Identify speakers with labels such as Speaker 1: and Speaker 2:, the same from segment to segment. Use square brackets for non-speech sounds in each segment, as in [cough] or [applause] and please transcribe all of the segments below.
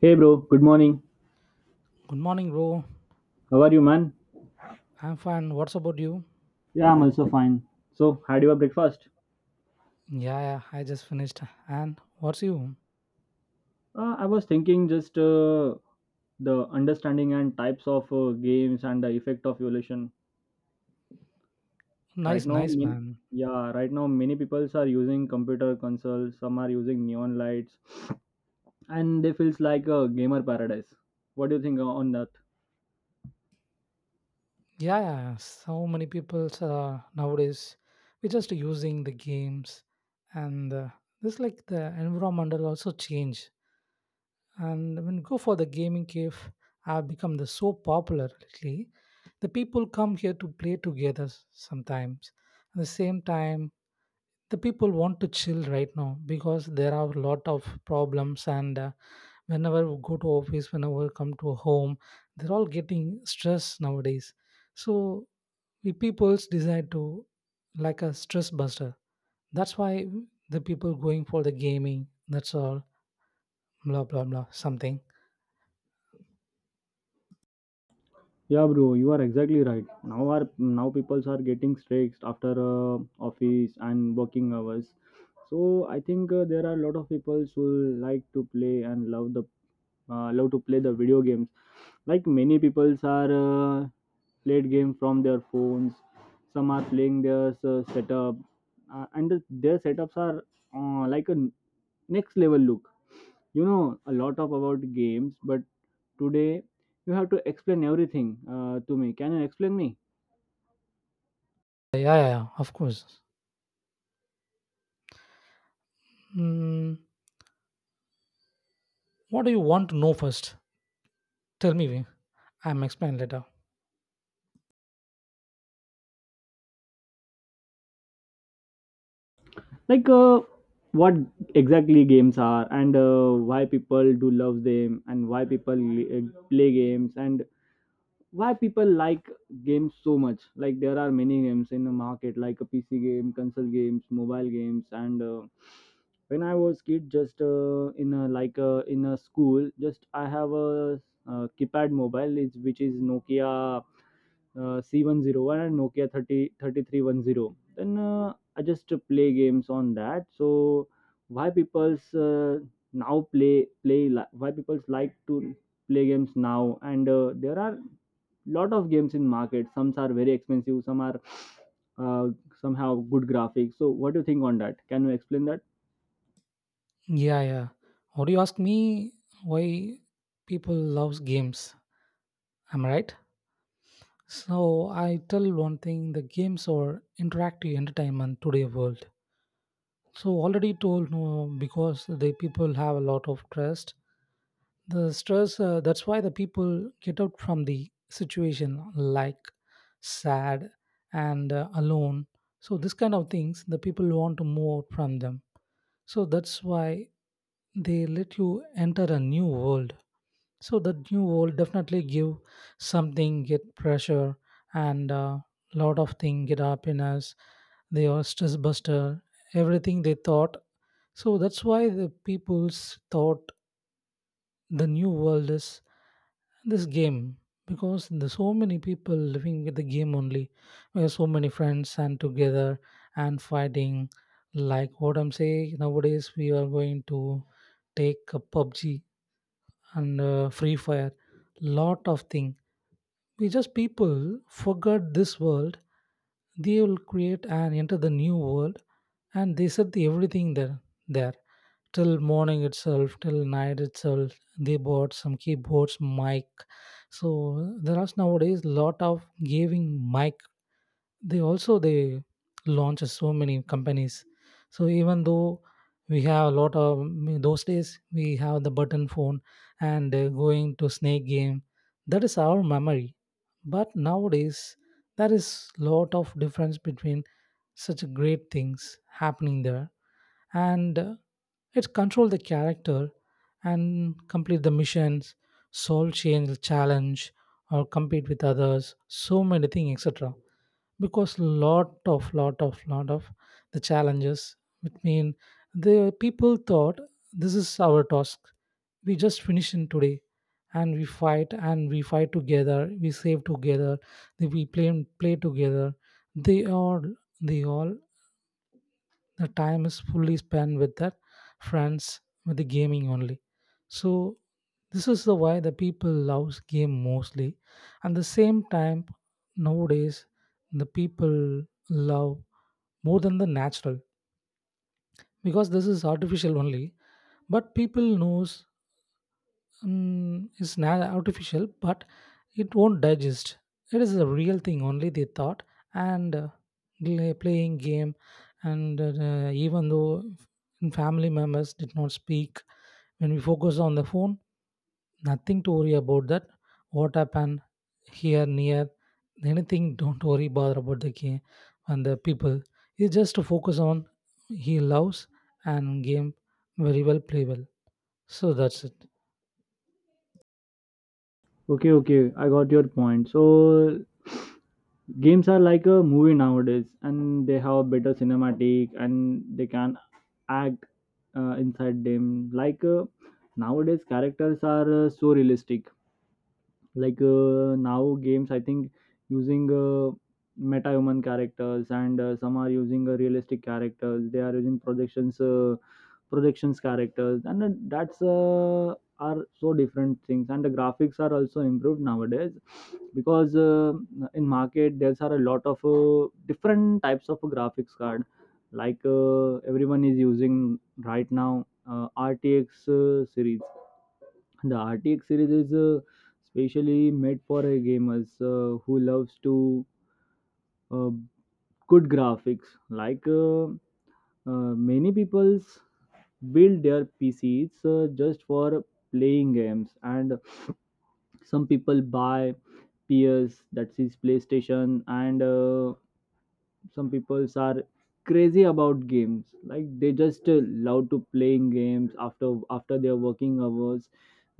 Speaker 1: Hey bro, good morning.
Speaker 2: Good morning, bro.
Speaker 1: How are you, man?
Speaker 2: I'm fine. What's about you?
Speaker 1: Yeah, I'm also fine. So, had your breakfast?
Speaker 2: Yeah, yeah, I just finished. And what's you?
Speaker 1: I was thinking just the understanding and types of games and the effect of evolution. Right
Speaker 2: Nice,
Speaker 1: now,
Speaker 2: nice,
Speaker 1: mean
Speaker 2: man.
Speaker 1: Yeah, right now many people are using computer consoles. Some are using neon lights, and they feels like a gamer paradise. What do you think on that?
Speaker 2: Yeah, yeah, yeah. So many people nowadays, we're just using the games, and this like the environmental also change. And when you go for the gaming cave, have become the so popular lately. The people come here to play together sometimes. At the same time, the people want to chill right now because there are a lot of problems and whenever we go to office, whenever we come to home, they're all getting stress nowadays. So we people's decide to like a stress buster. That's why the people going for the gaming, that's all, blah blah blah something.
Speaker 1: Yeah, bro, you are exactly right. Now peoples are getting stressed after office and working hours. So I think there are a lot of people who like to play and love to play the video games. Like many peoples are played game from their phones. Some are playing their setup, their setups are like a next level look. You know a lot of about games, but today you have to explain everything to me. Can you explain me?
Speaker 2: Yeah, yeah, yeah, of course. mm, what do you want to know first? Tell me, Vin. I'm explain later.
Speaker 1: Like what exactly games are, and why people do love them, and why people play games, and why people like games so much. Like there are many games in the market, like a pc game, console games, mobile games. And when I was kid, just in a school, just I have a, keypad mobile is, which is Nokia C101 and Nokia thirty thirty three one zero. Then I just play games on that. So why people's now play play li- why people's like to play games now? And there are lot of games in market. Some are very expensive, some are uh, somehow good graphics. So what do you think on that? Can you explain that?
Speaker 2: Yeah, yeah. What do you ask me? Why people loves games? Am I right? So I tell one thing: the games are interactive entertainment today world. So already told no, because the people have a lot of trust. The stress that's why the people get out from the situation like sad and alone. So this kind of things the people want to move out from them. So that's why they let you enter a new world, so that new world definitely give something, get pressure, and a lot of thing get happiness. They are stress buster, everything they thought. So that's why the people's thought the new world is this game, because there's so many people living with the game only. We have so many friends and together and fighting. Like what I'm saying, nowadays we are going to take a PUBG and free fire, lot of thing. We just people forgot this world. They will create and enter the new world, and they set the everything there. There till morning itself, till night itself. They bought some keyboards, mic. So there are nowadays lot of giving mic. They also they launch so many companies. So even though we have a lot of, those days we have the button phone and going to snake game, that is our memory. But nowadays there is lot of difference between such great things happening there, and it control the character and complete the missions, solve change challenge or compete with others, so many things, etc. Because lot of the challenges, which mean the people thought this is our task, we just finish in today. And we fight, and we fight together, we save together, then we play, play together. They all they all the time is fully spent with their friends, with the gaming only. So this is the why the people loves game mostly. And the same time, nowadays, the people love more than the natural, because this is artificial only. But people knows. Mm, it's not artificial, but it won't digest. It is a real thing, only they thought. And playing game, and even though family members did not speak, when we focus on the phone, nothing to worry about that. What happened here, near, anything? Don't worry, bother about the game and the people. It's just to focus on, he loves and game very well, play well. So that's it.
Speaker 1: Okay, okay, I got your point. So games are like a movie nowadays, and they have better cinematic, and they can act inside them. Like nowadays characters are so realistic. Like now games I think using meta human characters. And some are using realistic characters. They are using projections characters, and that's are so different things. And the graphics are also improved nowadays, because in market there's are a lot of different types of graphics card. Like everyone is using right now, rtx series the RTX series is specially made for gamers who loves to uh, good graphics. Like many people's build their PCs just for playing games, and some people buy PS, that is PlayStation. And some people are crazy about games. Like they just love to playing games after their working hours.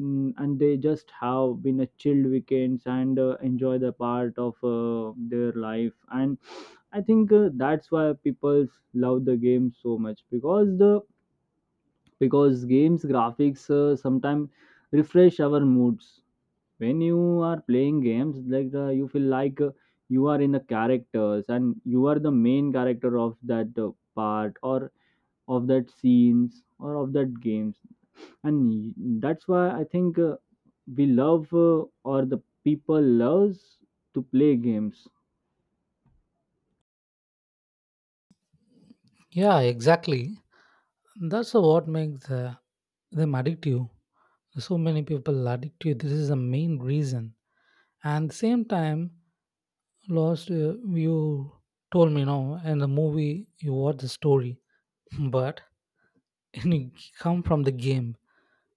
Speaker 1: And they just have been a chilled weekends and enjoy the part of their life. And I think that's why people love the game so much, because the because games graphics sometimes refresh our moods. When you are playing games, like you feel like you are in the characters, and you are the main character of that part, or of that scenes, or of that games. And that's why I think we love, or the people loves to play games.
Speaker 2: Yeah, exactly. That's what makes them addictive. So many people addictive. This is the main reason. And same time, last you told me now in the movie you watched the story, but [laughs] and it come from the game.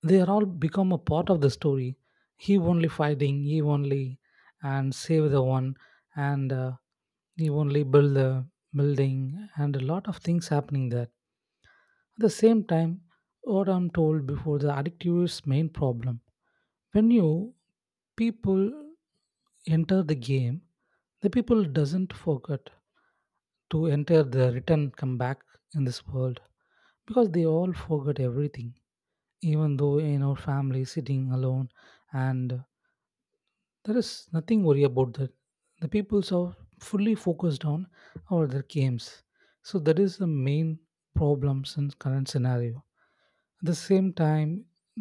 Speaker 2: They are all become a part of the story. He only fighting, he only, and save the one, and he only build the building, and a lot of things happening there. At the same time, what I'm told before, the addictive is main problem. When you people enter the game, the people doesn't forget to enter the return come back in this world, because they all forgot everything, even though in our family sitting alone. And there is nothing worry about that. The peoples are fully focused on all their games. So that is the main problems in current scenario. At the same time,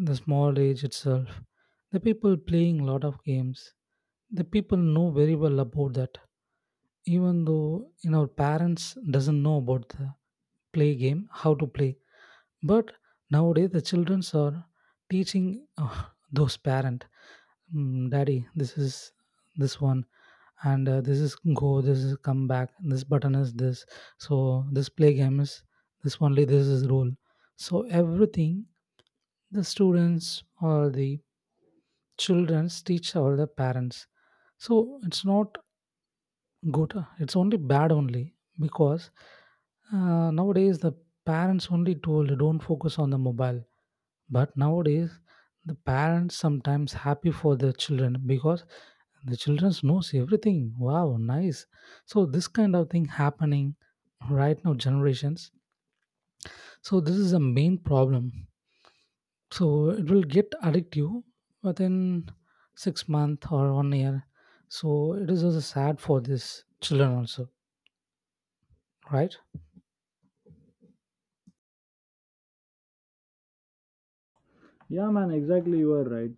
Speaker 2: the small age itself the people playing lot of games. The people know very well about that. Even though you know parents doesn't know about the play game, how to play. But nowadays the childrens are teaching [laughs] those parent: "Mm, daddy, this is this one, and this is go, this is come back, this button is this. So this play game is this only, this is rule." So everything the students or the childrens teach all the parents. So it's not good. It's only bad only, because nowadays the parents only told don't focus on the mobile. But nowadays the parents sometimes happy for their children, because the children knows everything. Wow, nice. So this kind of thing happening right now generations. So this is the main problem. So it will get addictive within 6 months or one year. So it is also sad for this children also, right?
Speaker 1: Yeah, man, exactly, you are right.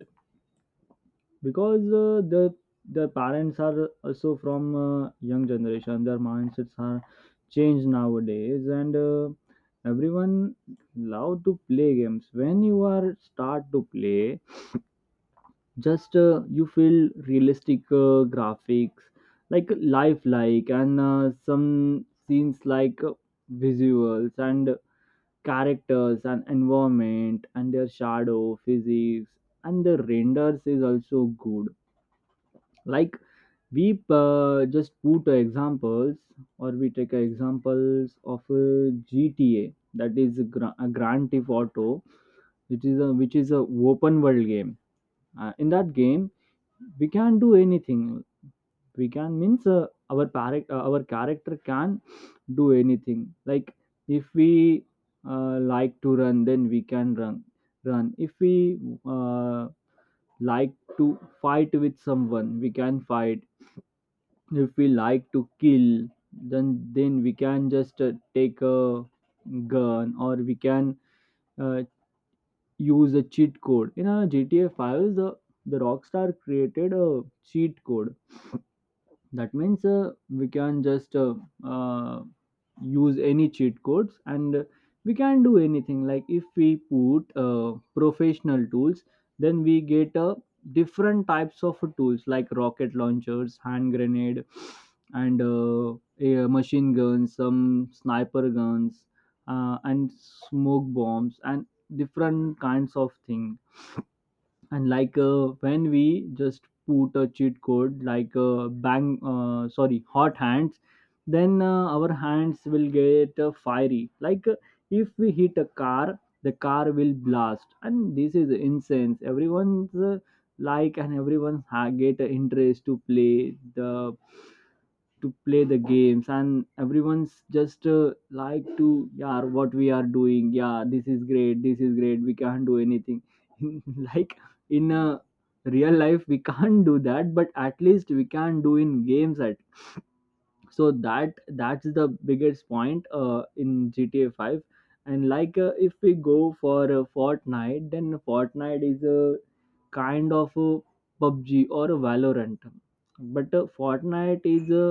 Speaker 1: Because their parents are also from young generation. Their mindsets are changed nowadays, and everyone love to play games. When you are start to play, just you feel realistic graphics, like lifelike, and some scenes like visuals and characters and environment and their shadow physics, and the renders is also good. Like we just put examples, or we take examples of GTA, that is a, a Grand Theft Auto, which is a open world game. In that game, we can do anything. We can means our character can do anything. Like if we like to run, then we can run. Run if we uh, like to fight with someone, we can fight. If we like to kill, then we can just take a gun. Or we can uh, use a cheat code in a GTA 5. The Rockstar created a cheat code. That means we can just uh, use any cheat codes, and we can do anything. Like if we put professional tools, then we get different types of tools, like rocket launchers, hand grenade, and machine guns, some sniper guns, and smoke bombs, and different kinds of things. And like when we just put a cheat code, like bang, sorry, hot hands, then our hands will get fiery. Like if we hit a car, the car will blast, and this is incense everyone's like, and get interest to play the games. And everyone's just like to, yeah, what we are doing, yeah, this is great, this is great, we can't do anything. [laughs] Like in a real life we can't do that, but at least we can do in games at, so that's the biggest point in GTA 5. And like if we go for Fortnite, then Fortnite is a kind of a PUBG or a Valorant. But Fortnite is a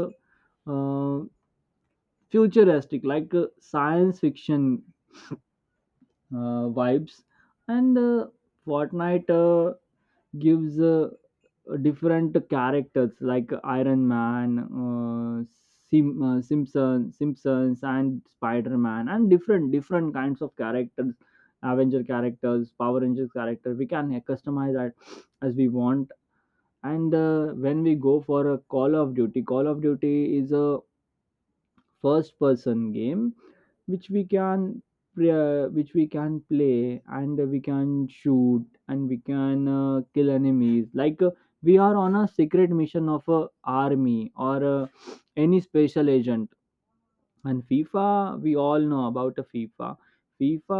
Speaker 1: uh, futuristic, like science fiction vibes. And Fortnite gives different characters like Iron Man, Simpsons, and Spider Man, and different kinds of characters, Avenger characters, Power Rangers character. We can customize that as we want. And when we go for a Call of Duty is a first person game, which we can play and we can shoot, and we can kill enemies, like we are on a secret mission of a army or any special agent. And FIFA, we all know about a FIFA. FIFA,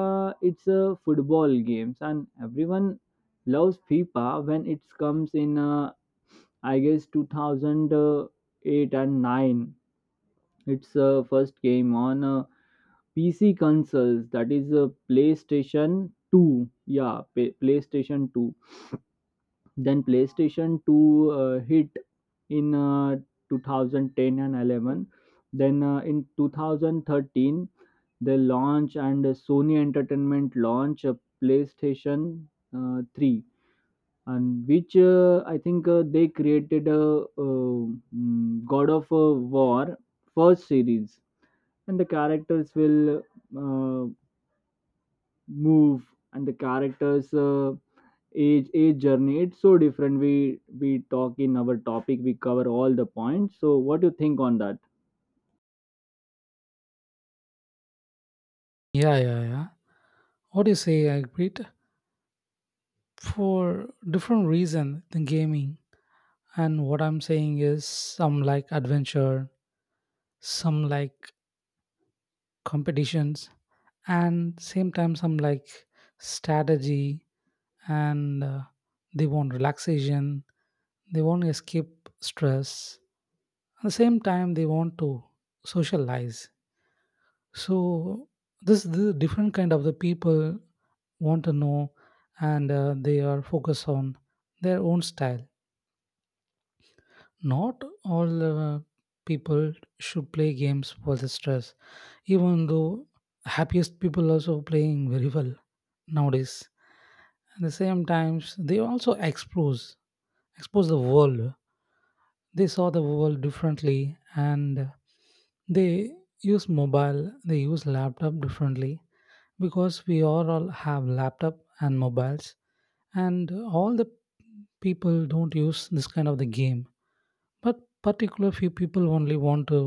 Speaker 1: it's a football games, and everyone loves FIFA when it comes in, I guess, 2008 and 9. Its first came on PC consoles, that is PlayStation 2. Yeah, PlayStation 2. Then PlayStation 2 hit in 2010 and 11. Then in 2013, they launch, and Sony Entertainment launch a PlayStation 3. And which I think they created a, uh, God of War first series. And the characters will move, and the characters age journey, it's so different. We talk in our topic, we cover all the points. So what do you think on that?
Speaker 2: Yeah, yeah, yeah. What do you say, I agreed. For different reason than gaming. And what I'm saying is, some like adventure, some like competitions, and same time some like strategy, and they want relaxation, they want to escape stress. At the same time, they want to socialize. So this is the different kind of the people want to know. And they are focused on their own style, not all uh, people should play games for the stress. Even though happiest people also playing very well nowadays. At the same times they also expose the world. They saw the world differently, and they use mobile, they use laptop differently, because we all have laptop and mobiles. And all the people don't use this kind of the game, but particular few people only want to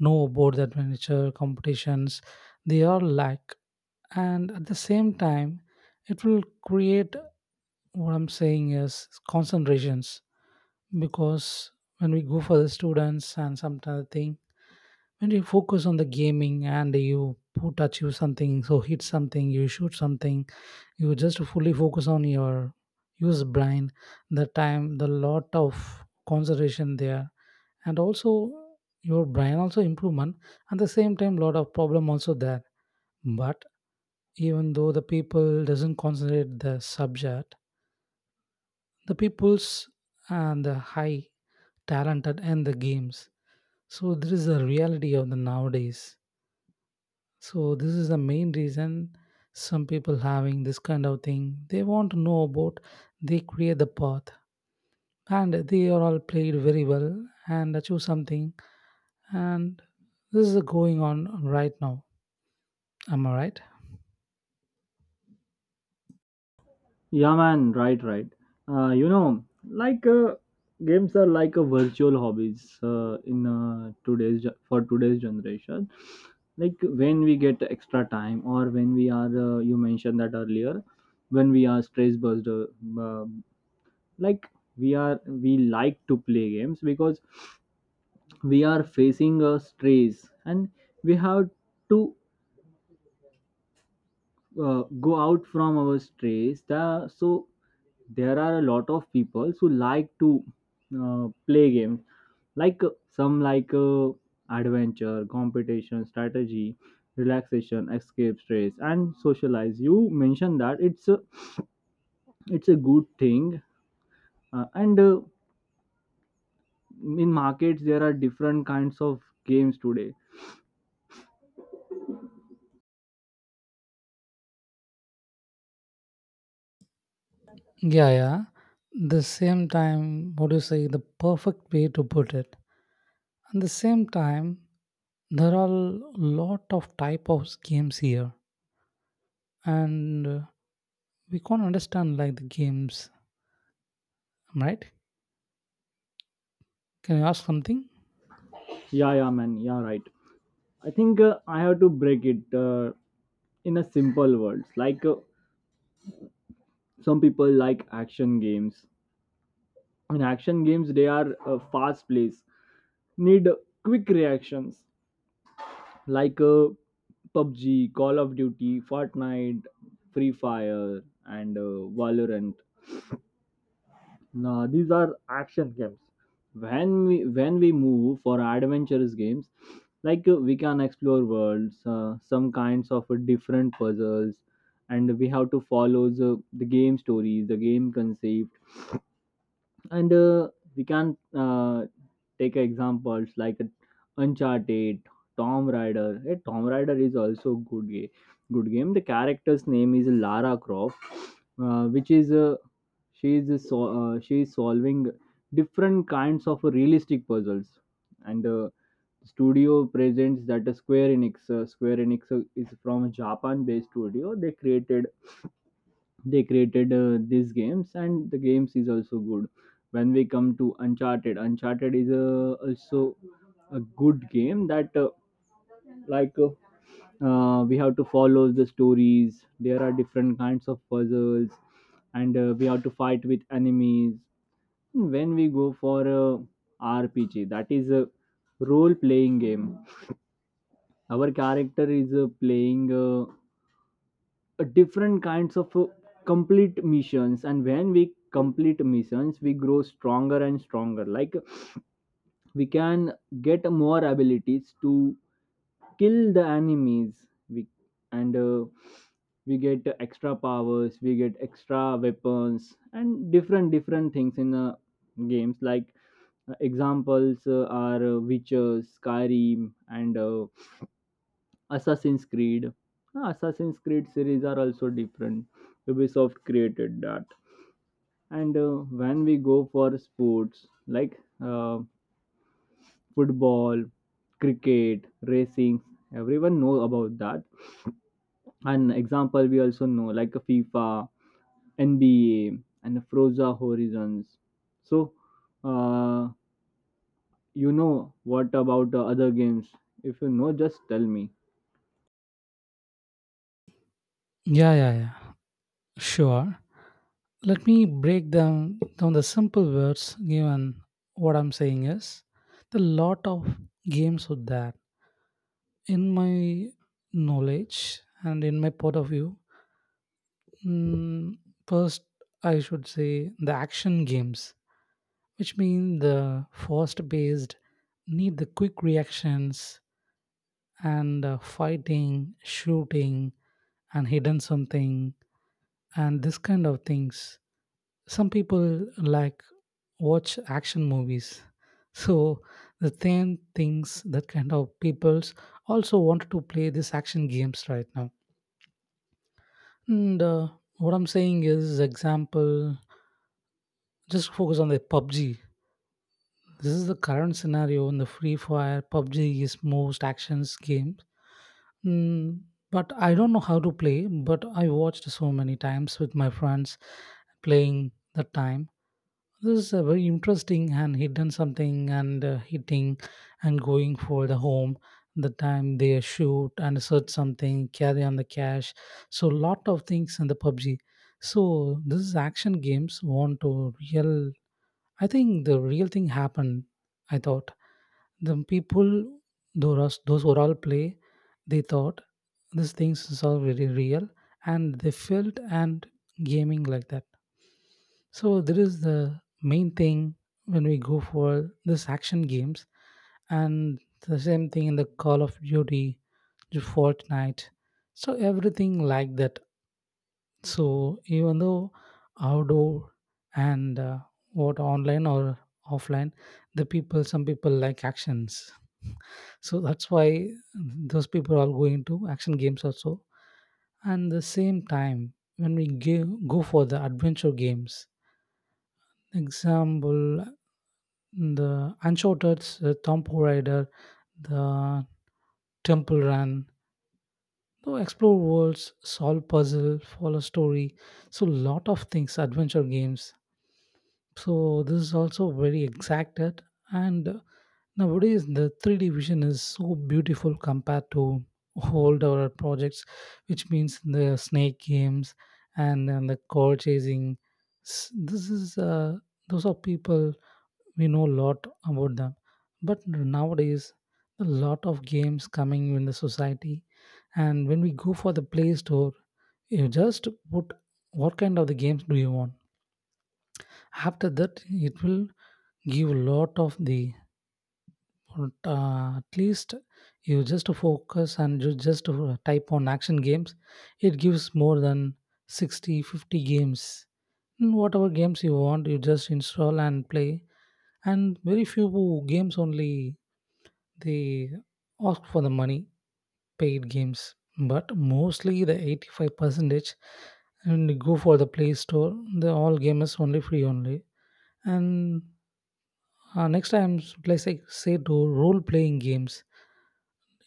Speaker 2: know about the adventure competitions. They are lack. And at the same time it will create, what I'm saying is, concentrations. Because when we go for the students and some other thing, when you focus on the gaming and you put achieve something, so hit something, you shoot something, you just fully focus on your use brain. The time the lot of concentration there, and also your brain also improvement. At the same time lot of problem also there. But even though the people doesn't concentrate the subject, the people's and the high talented and the games. So this is the reality of the nowadays. So this is the main reason some people having this kind of thing. They want to know about. They create the path, and they are all played very well and achieve something. And this is going on right now. Am I right?
Speaker 1: Yeah, man, right, right. You know, like games are like a virtual hobbies in for today's generation. Like when we get extra time, or when we are —you mentioned that earlier— when we are stress burst, like we like to play games because we are facing a stress. And we have to go out from our stress. So there are a lot of people who like to play games. Like some like adventure, competition, strategy, relaxation, escape stress, and socialize. You mentioned that. It's a good thing. And In markets there are different kinds of games today.
Speaker 2: Yeah, yeah. The same time, what do you say? The perfect way to put it. At the same time, there are lot of type of games here, and we can't understand like the games. Am I right? Can you ask something?
Speaker 1: Yeah, yeah, man, yeah, right. I think I have to break it in a simple words, like some people like action games. In action games, they are fast plays, need quick reactions, like PUBG, Call of Duty, Fortnite, Free Fire, and Valorant. No, these are action games. When we move for adventurous games, like we can explore worlds, some kinds of different puzzles, and we have to follow the game stories, the game concept. And we can take examples like Uncharted, tom Raider. Hey, tom Raider is also good game, good game. The character's name is Lara Croft, which is she is so, she is solving different kinds of realistic puzzles. And studio presents that, Square Enix. Uh, square enix is from a Japan based studio. They created these games, and the games is also good. When we come to Uncharted, Uncharted is also a good game. That like uh, we have to follow the stories. There are different kinds of puzzles, and we have to fight with enemies. When we go for a RPG, that is a role playing game, our character is playing different kinds of complete missions. And when we complete missions, we grow stronger and stronger. Like we can get more abilities to kill the enemies we. And we get extra powers, we get extra weapons, and different things in games, like examples are Witcher, Skyrim, and Assassin's Creed. Ah, Assassin's Creed series are also different. Ubisoft created that. And when we go for sports, like football, cricket, racing, everyone know about that. An example we also know, like a FIFA, NBA, and Froza Horizons. So, uh, you know what about other games? If you know, just tell me.
Speaker 2: Yeah, yeah, yeah. Sure. Let me break down the simple words given. What I'm saying is the lot of games with that, in my knowledge and in my point of view. Mm, first, I should say the action games, which mean the fast based, need the quick reactions, and fighting, shooting, and hidden something, and this kind of things. Some people like watch action movies. So the same things that kind of peoples also want to play these action games right now. And what I'm saying is, example, just focus on the PUBG. This is the current scenario in the Free Fire. PUBG is most actions games. Mm, but I don't know how to play, but I watched so many times with my friends playing the time. This is a very interesting, and he done something and hitting and going for the home, the time they shoot and search something, carry on the cash. So lot of things in the PUBG. So this is action games, want to real. I think the real thing happened, I thought. The people, those who all play, they thought these things is all very real, and they felt and gaming like that. So there is the main thing when we go for this action games. And the same thing in the Call of Duty, the Fortnite. So everything like that. So even though outdoor and what online or offline, the people, some people like actions. So that's why those people are going to action games also. And the same time, when we go, go for the adventure games, example, the Uncharted, Tomb Raider, the Temple Run, so explore worlds, solve puzzle, follow story. So lot of things, adventure games. So this is also very exacted. And Nowadays, the 3D vision is so beautiful compared to old our projects, which means the snake games and the car chasing. This is those are people we know a lot about them. But nowadays, a lot of games coming in the society, and when we go for the Play Store, you just put what kind of the games do you want. After that, it will give a lot of the, but at least you just focus and you just type on action games. It gives more than 60, 50 games. Whatever games you want, you just install and play. And very few games only they ask for the money, paid games. But mostly the 85 percentage, and you go for the Play Store. The all game is only free only. And next time, let's say, say to role playing games.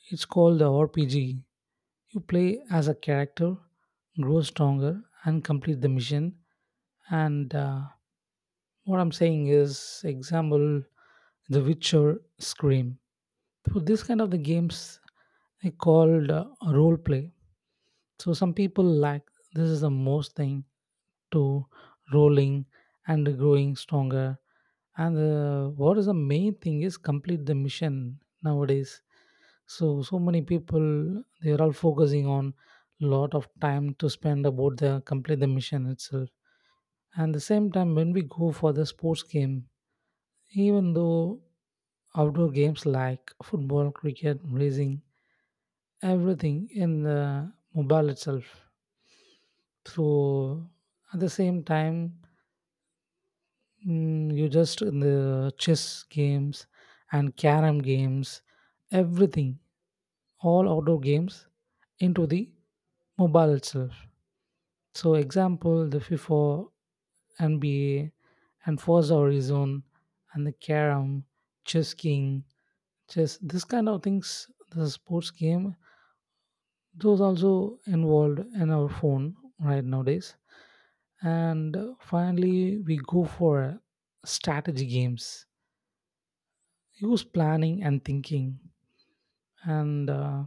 Speaker 2: It's called the RPG. You play as a character, grow stronger, and complete the mission. And what I'm saying is, example, The Witcher, Scream. So this kind of the games they called role play. So some people lack, this is the most thing to rolling and growing stronger. And what is the main thing is complete the mission nowadays. So so many people they are all focusing on lot of time to spend about the complete the mission itself. And the same time when we go for the sports game, even though outdoor games like football, cricket, racing, everything in the mobile itself. So at the same time, you just in the chess games and carom games, everything, all outdoor games into the mobile itself. So example, the FIFA, NBA, and Forza Horizon, and the carom, chess king, chess, this kind of things, the sports game, those also involved in our phone right nowadays. And finally, we go for strategy games. Use planning and thinking. And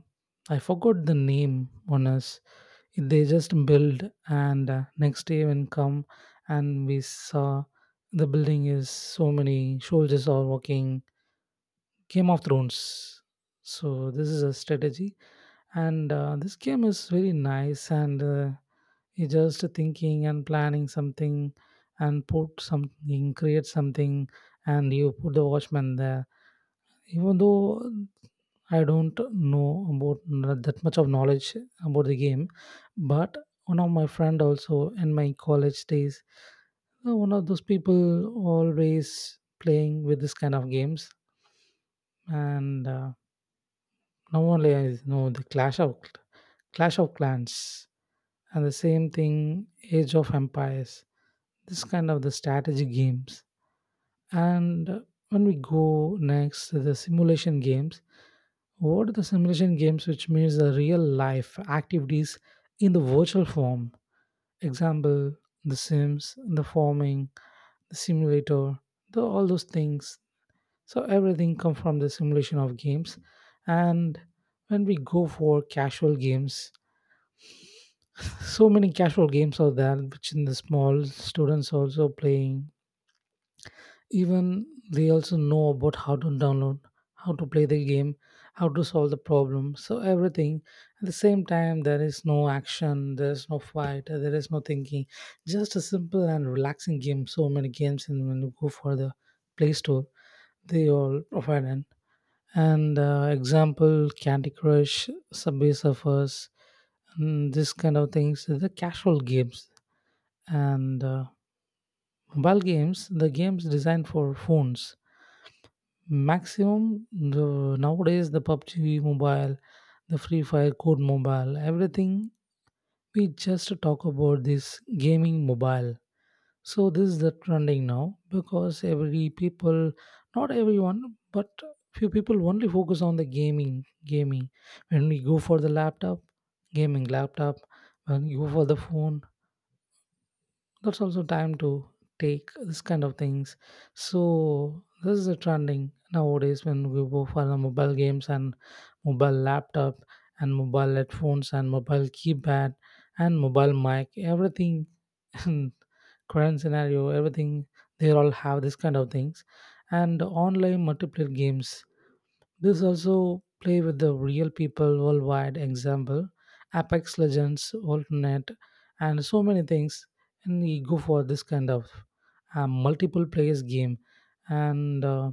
Speaker 2: I forgot the name on us. They just build, and next day when come, and we saw the building is so many soldiers are walking. Game of Thrones. So this is a strategy, and this game is very nice and. You just thinking and planning something and put something, create something, and you put the watchman there, even though I don't know about that much of knowledge about the game, but one of my friend also in my college days, one of those people always playing with this kind of games. And now only I know the clash of clans, and the same thing, age of empires, this kind of the strategy games. And when we go next to the simulation games, what are the simulation games, which means the real life activities in the virtual form. Example, the sims, the farming, the simulator, the, all those things. So everything come from the simulation of games. And when we go for casual games, so many casual games are there, which in the small students also playing. Even they also know about how to download, how to play the game, how to solve the problem, so everything. At the same time there is no action, there is no fight, there is no thinking, just a simple and relaxing game. So many games, and when you go for the Play Store, they all provide an, and example, candy crush, subway surfers, and this kind of things. They're the casual games. And mobile games, the games designed for phones, maximum the nowadays the PUBG mobile, the Free Fire Code mobile, everything we just talk about this gaming mobile. So this is the trending now, because every people, not everyone, but few people only focus on the gaming. When we go for the laptop, gaming laptop, when you go for the phone, that's also time to take this kind of things. So this is a trending nowadays, when we go for the mobile games, and mobile laptop, and mobile headphones, and mobile keypad, and mobile mic, everything. [laughs] Current scenario, everything, they all have this kind of things. And online multiplayer games, this also play with the real people worldwide. Example, Apex Legends, Alternate, and so many things. And we go for this kind of multiple players game. And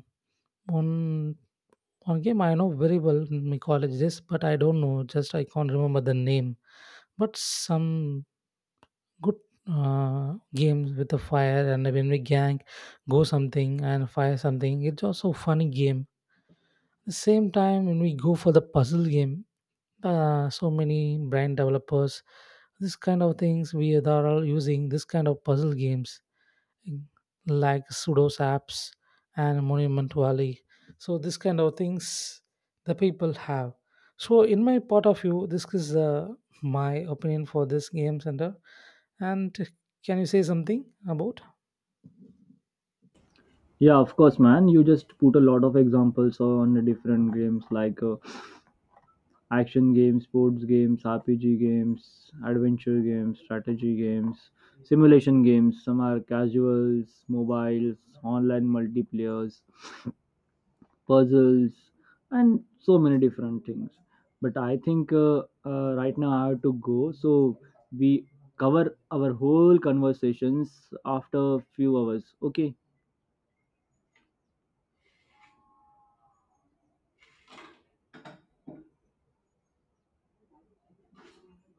Speaker 2: one one game I know very well in my college days, but I don't know. Just I can't remember the name. But some good games with the fire, and when we gang go something and fire something. It's also funny game. The same time when we go for the puzzle game, so many brand developers, this kind of things they are all using this kind of puzzle games. mm, like pseudos apps and monument valley, so this kind of things the people have. So in my part of view, this is my opinion for this game center. And can you say something about
Speaker 1: Yeah, of course, man. You just put a lot of examples on the different games, like action games, sports games, RPG games, adventure games, strategy games, simulation games. Some are casuals, mobiles, online multiplayers, puzzles, and so many different things. But I think right now I have to go, so we cover our whole conversations after a few hours. Okay.